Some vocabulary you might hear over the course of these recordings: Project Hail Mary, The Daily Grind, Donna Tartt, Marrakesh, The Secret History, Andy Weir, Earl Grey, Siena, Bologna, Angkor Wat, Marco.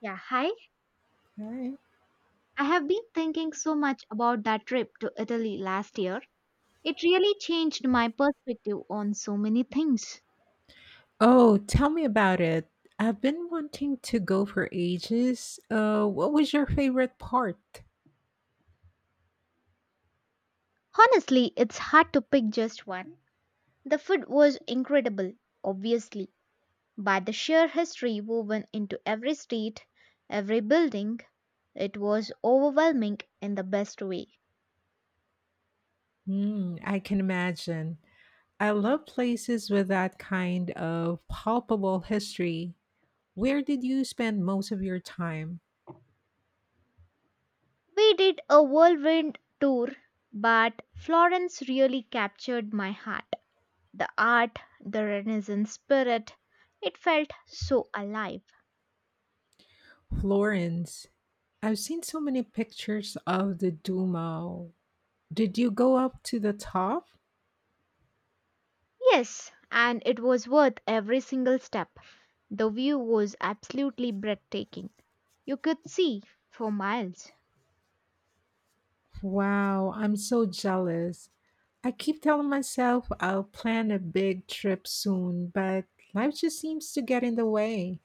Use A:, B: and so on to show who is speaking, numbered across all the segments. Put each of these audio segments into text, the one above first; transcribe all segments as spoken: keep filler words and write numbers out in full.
A: Yeah, hi.
B: Right.
A: I have been thinking so much about that trip to Italy last year. It really changed my perspective on so many things.
B: Oh, tell me about it. I've been wanting to go for ages. Uh, what was your favorite part?
A: Honestly, it's hard to pick just one. The food was incredible, obviously, but the sheer history woven into every street, every building, it was overwhelming in the best way.
B: Hmm, I can imagine. I love places with that kind of palpable history. Where did you spend most of your time?
A: We did a whirlwind tour, but Florence really captured my heart. The art, the Renaissance spirit. It felt so alive.
B: Florence. I've seen so many pictures of the Duomo. Did you go up to the top?
A: Yes, and it was worth every single step. The view was absolutely breathtaking. You could see for miles.
B: Wow, I'm so jealous. I keep telling myself I'll plan a big trip soon, but life just seems to get in the way.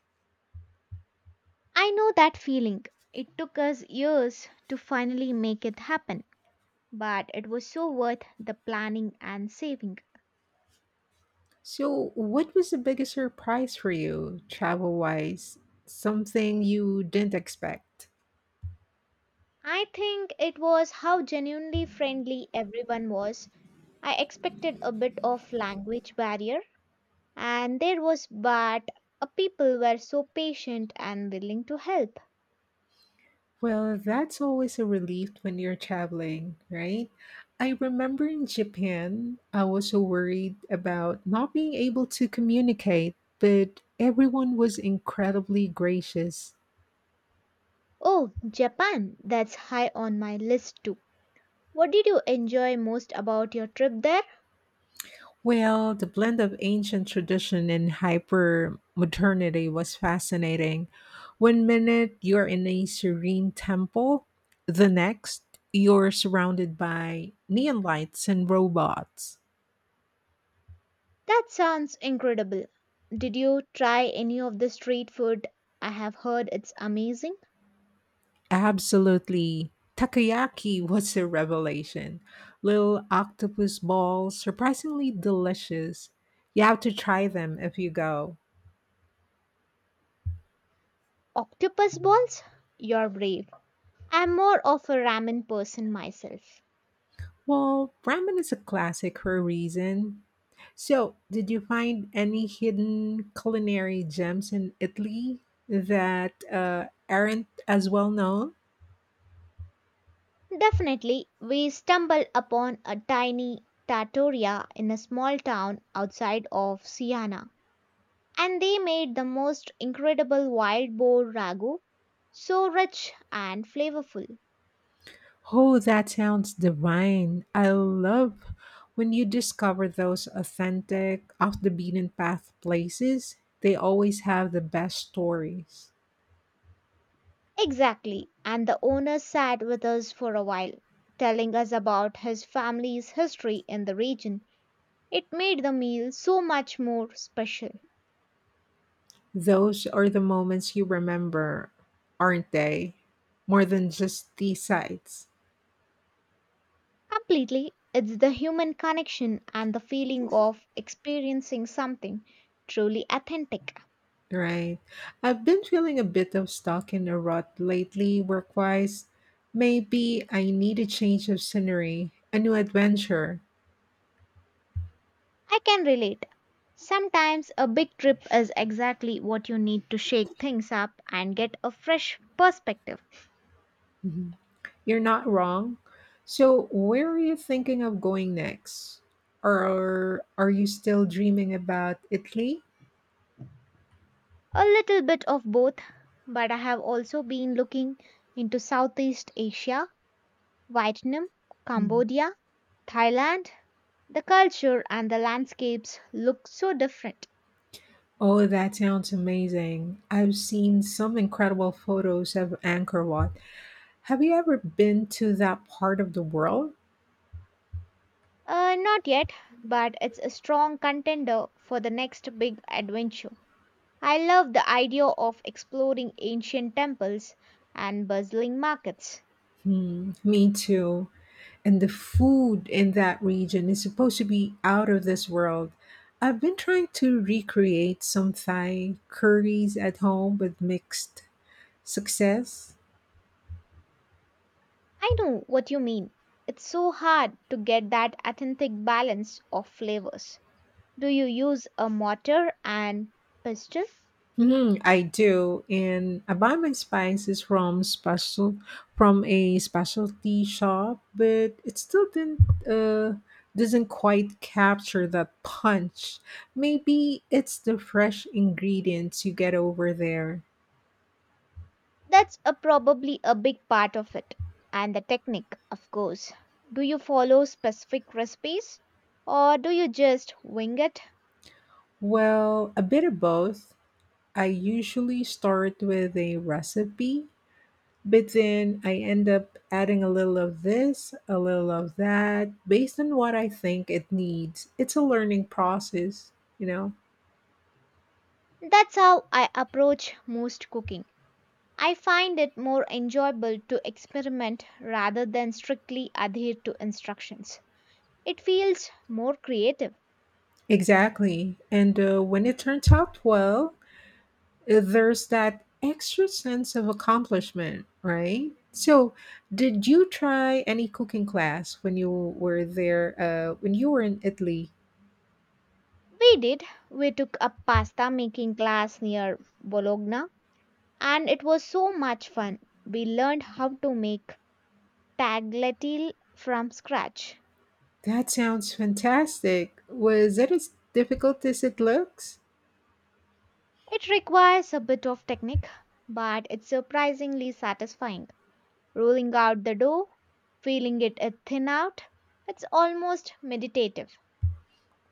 A: I know that feeling. It took us years to finally make it happen, but it was so worth the planning and saving.
B: So, what was the biggest surprise for you, travel wise? Something you didn't expect?
A: I think it was how genuinely friendly everyone was. I expected a bit of language barrier, and there was, but uh, people were so patient and willing to help.
B: Well, that's always a relief when you're traveling, right? I remember in Japan, I was so worried about not being able to communicate, but everyone was incredibly gracious.
A: Oh, Japan, that's high on my list too. What did you enjoy most about your trip there?
B: Well, the blend of ancient tradition and hyper modernity was fascinating. One minute you're in a serene temple, the next you're surrounded by neon lights and robots.
A: That sounds incredible. Did you try any of the street food? I have heard it's amazing.
B: Absolutely. Takoyaki was a revelation. Little octopus balls, surprisingly delicious. You have to try them if you go.
A: Octopus balls? You're brave. I'm more of a ramen person myself.
B: Well, ramen is a classic for a reason. So, did you find any hidden culinary gems in Italy that uh, aren't as well known?
A: Definitely, we stumbled upon a tiny trattoria in a small town outside of Siena, and they made the most incredible wild boar ragu, so rich and flavorful.
B: Oh, that sounds divine. I love when you discover those authentic, off the beaten path places. They always have the best stories.
A: Exactly, and the owner sat with us for a while, telling us about his family's history in the region. It made the meal so much more special.
B: Those are the moments you remember, aren't they? More than just the sights.
A: Completely, it's the human connection and the feeling of experiencing something truly authentic.
B: Right. I've been feeling a bit of stuck in a rut lately work wise. Maybe I need a change of scenery, a new adventure.
A: I can relate. Sometimes a big trip is exactly what you need to shake things up and get a fresh perspective.
B: Mhm. You're not wrong. So, where are you thinking of going next? Or are you still dreaming about Italy?
A: A little bit of both, but I have also been looking into Southeast Asia, Vietnam,
B: Mhm.
A: Cambodia, Thailand. The culture and the landscapes look so different.
B: Oh, that sounds amazing. I've seen some incredible photos of Angkor Wat. Have you ever been to that part of the world?
A: Uh, not yet, but it's a strong contender for the next big adventure. I love the idea of exploring ancient temples and bustling markets.
B: Hmm, me too. And the food in that region is supposed to be out of this world. I've been trying to recreate some Thai curries at home with mixed success.
A: I know what you mean. It's so hard to get that authentic balance of flavors. Do you use a mortar and pestle?
B: Mm, I do, and I buy my spices from special from a specialty shop, but it still didn't uh, doesn't quite capture that punch. Maybe it's the fresh ingredients you get over there.
A: That's a, probably a big part of it. And the technique, of course. Do you follow specific recipes or do you just wing it?
B: Well, a bit of both. I usually start with a recipe, but then I end up adding a little of this, a little of that, based on what I think it needs. It's a learning process, you know?
A: That's how I approach most cooking. I find it more enjoyable to experiment rather than strictly adhere to instructions. It feels more creative.
B: Exactly. And uh, when it turns out well, uh, there's that extra sense of accomplishment, right? So, did you try any cooking class when you were there, uh, when you were in Italy?
A: We did. We took a pasta making class near Bologna and it was so much fun. We learned how to make tagliatelle from scratch.
B: That sounds fantastic. Was it as difficult as it looks?
A: It requires a bit of technique, but it's surprisingly satisfying. Rolling out the dough, feeling it uh, thin out, it's almost meditative.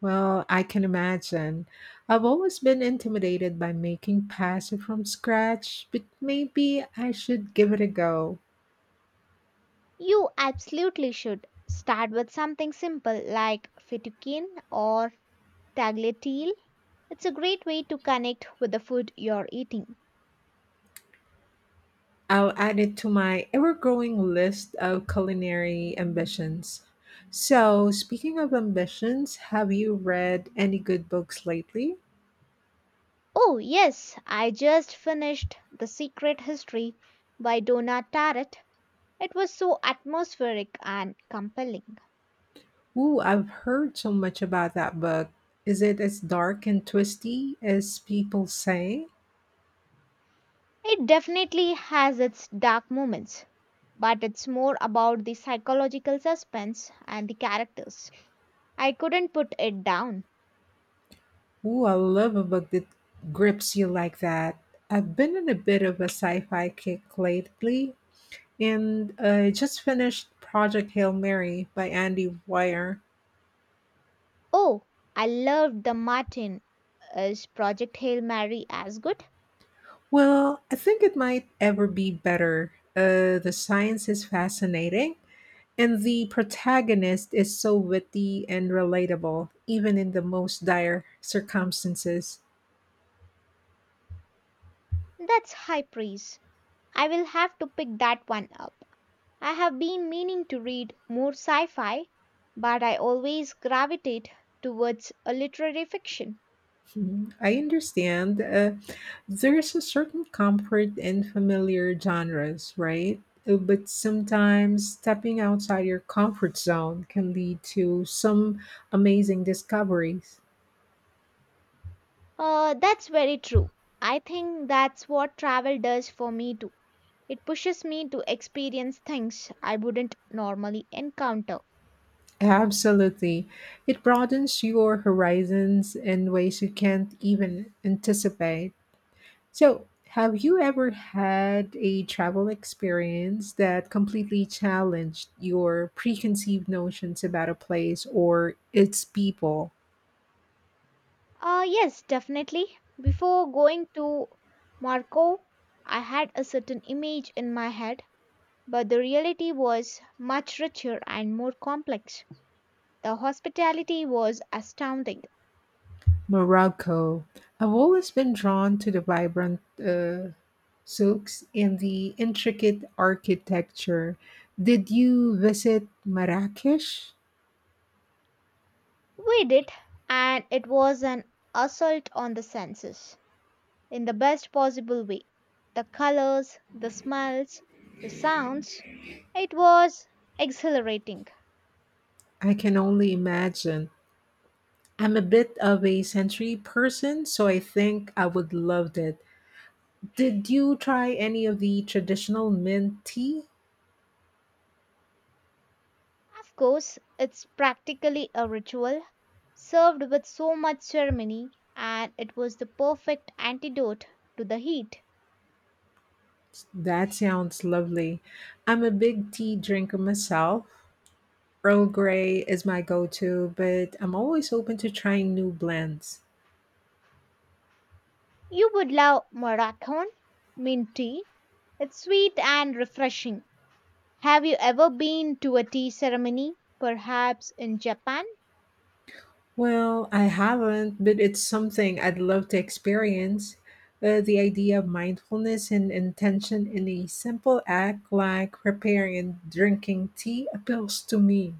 B: Well, I can imagine. I've always been intimidated by making pasta from scratch, but maybe I should give it a go.
A: You absolutely should start with something simple like fettuccine or tagliatelle. It's a great way to connect with the food you're eating.
B: I'll add it to my ever growing list of culinary ambitions. So, speaking of ambitions, have you read any good books lately?
A: Oh, yes, I just finished The Secret History by Donna Tartt. It was so atmospheric and compelling.
B: Ooh, I've heard so much about that book. Is it as dark and twisty as people say?
A: It definitely has its dark moments, but it's more about the psychological suspense and the characters. I couldn't put it down.
B: Ooh, I love a book that grips you like that. I've been in a bit of a sci-fi kick lately, and I just finished Project Hail Mary by Andy Weir.
A: Oh, I loved The Martin. Is Project Hail Mary as good?
B: Well, I think it might ever be better. Uh, the science is fascinating, and the protagonist is so witty and relatable, even in the most dire circumstances.
A: That's high praise. I will have to pick that one up. I have been meaning to read more sci fi, but I always gravitate towards a literary fiction.
B: Mhm. I understand. Uh, there's a certain comfort in familiar genres, right? Uh, But sometimes stepping outside your comfort zone can lead to some amazing discoveries.
A: Uh, that's very true. I think that's what travel does for me too. It pushes me to experience things I wouldn't normally encounter.
B: Absolutely. It broadens your horizons in ways you can't even anticipate. So, have you ever had a travel experience that completely challenged your preconceived notions about a place or its people?
A: Uh, yes, definitely. Before going to Marco, I had a certain image in my head, but the reality was much richer and more complex. The hospitality was astounding.
B: Morocco. I've always been drawn to the vibrant uh, souks and the intricate architecture. Did you visit Marrakesh?
A: We did, and it was an assault on the senses in the best possible way. The colors, the smells, the sounds, it was exhilarating.
B: I can only imagine. I'm a bit of a sensory person, so I think I would love it. Did you try any of the traditional mint tea?
A: Of course, it's practically a ritual, served with so much ceremony, and it was the perfect antidote to the heat.
B: That sounds lovely. I'm a big tea drinker myself. Earl Grey is my go to, but I'm always open to trying new blends.
A: You would love Moroccan mint tea. It's sweet and refreshing. Have you ever been to a tea ceremony? Perhaps in Japan?
B: Well, I haven't, but it's something I'd love to experience. Uh, the idea of mindfulness and intention in a simple act like preparing and drinking tea appeals to me.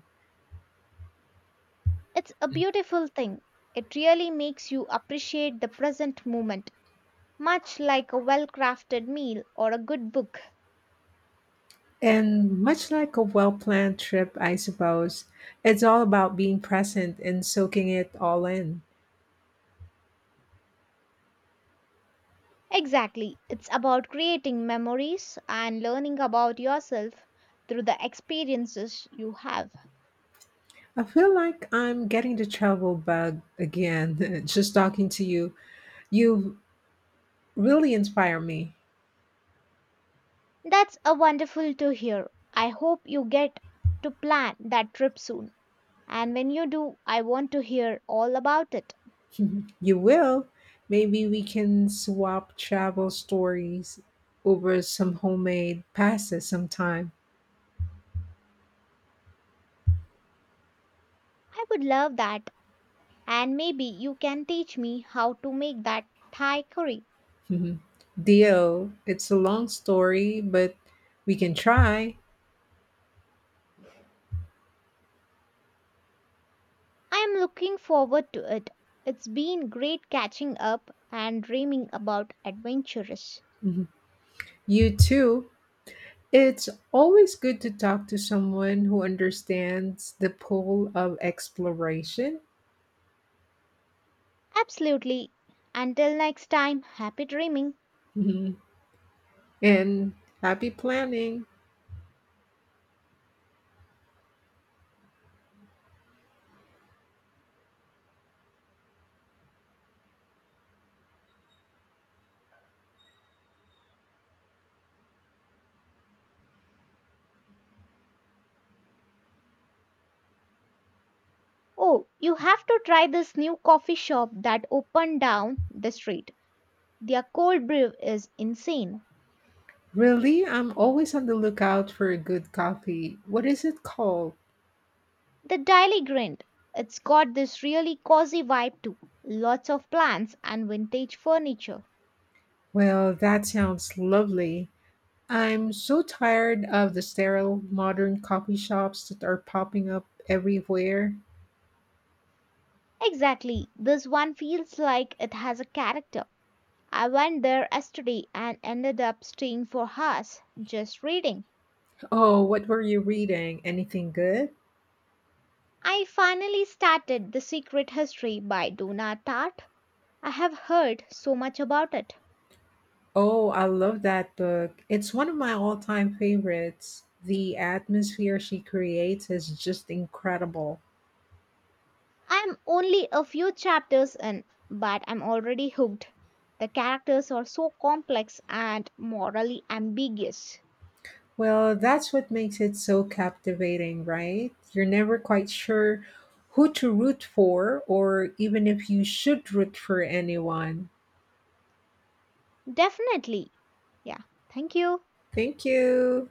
A: It's a beautiful thing. It really makes you appreciate the present moment, much like a well crafted meal or a good book.
B: And much like a well planned trip, I suppose, it's all about being present and soaking it all in.
A: Exactly. It's about creating memories and learning about yourself through the experiences you have.
B: I feel like I'm getting the travel bug again, just talking to you. You really inspire me.
A: That's a wonderful to hear. I hope you get to plan that trip soon. And when you do, I want to hear all about it.
B: You will. Maybe we can swap travel stories over some homemade pasta sometime.
A: I would love that. And maybe you can teach me how to make that Thai curry.
B: Mhm. Deal. It's a long story, but we can try.
A: I am looking forward to it. It's been great catching up and dreaming about adventures.
B: Mhm. You too. It's always good to talk to someone who understands the pull of exploration.
A: Absolutely. Until next time, happy dreaming.
B: Mhm. And happy planning.
A: Oh, you have to try this new coffee shop that opened down the street. Their cold brew is insane.
B: Really? I'm always on the lookout for a good coffee. What is it called?
A: The Daily Grind. It's got this really cozy vibe too. Lots of plants and vintage furniture.
B: Well, that sounds lovely. I'm so tired of the sterile modern coffee shops that are popping up everywhere.
A: Exactly. This one feels like it has a character. I went there yesterday and ended up staying for hours just reading.
B: Oh, what were you reading? Anything good?
A: I finally started The Secret History by Donna Tartt. I have heard so much about it.
B: Oh, I love that book. It's one of my all time favorites. The atmosphere she creates is just incredible.
A: I'm only a few chapters in, but I'm already hooked. The characters are so complex and morally ambiguous.
B: Well, that's what makes it so captivating, right? You're never quite sure who to root for or even if you should root for anyone.
A: Definitely. Yeah. Thank you.
B: Thank you.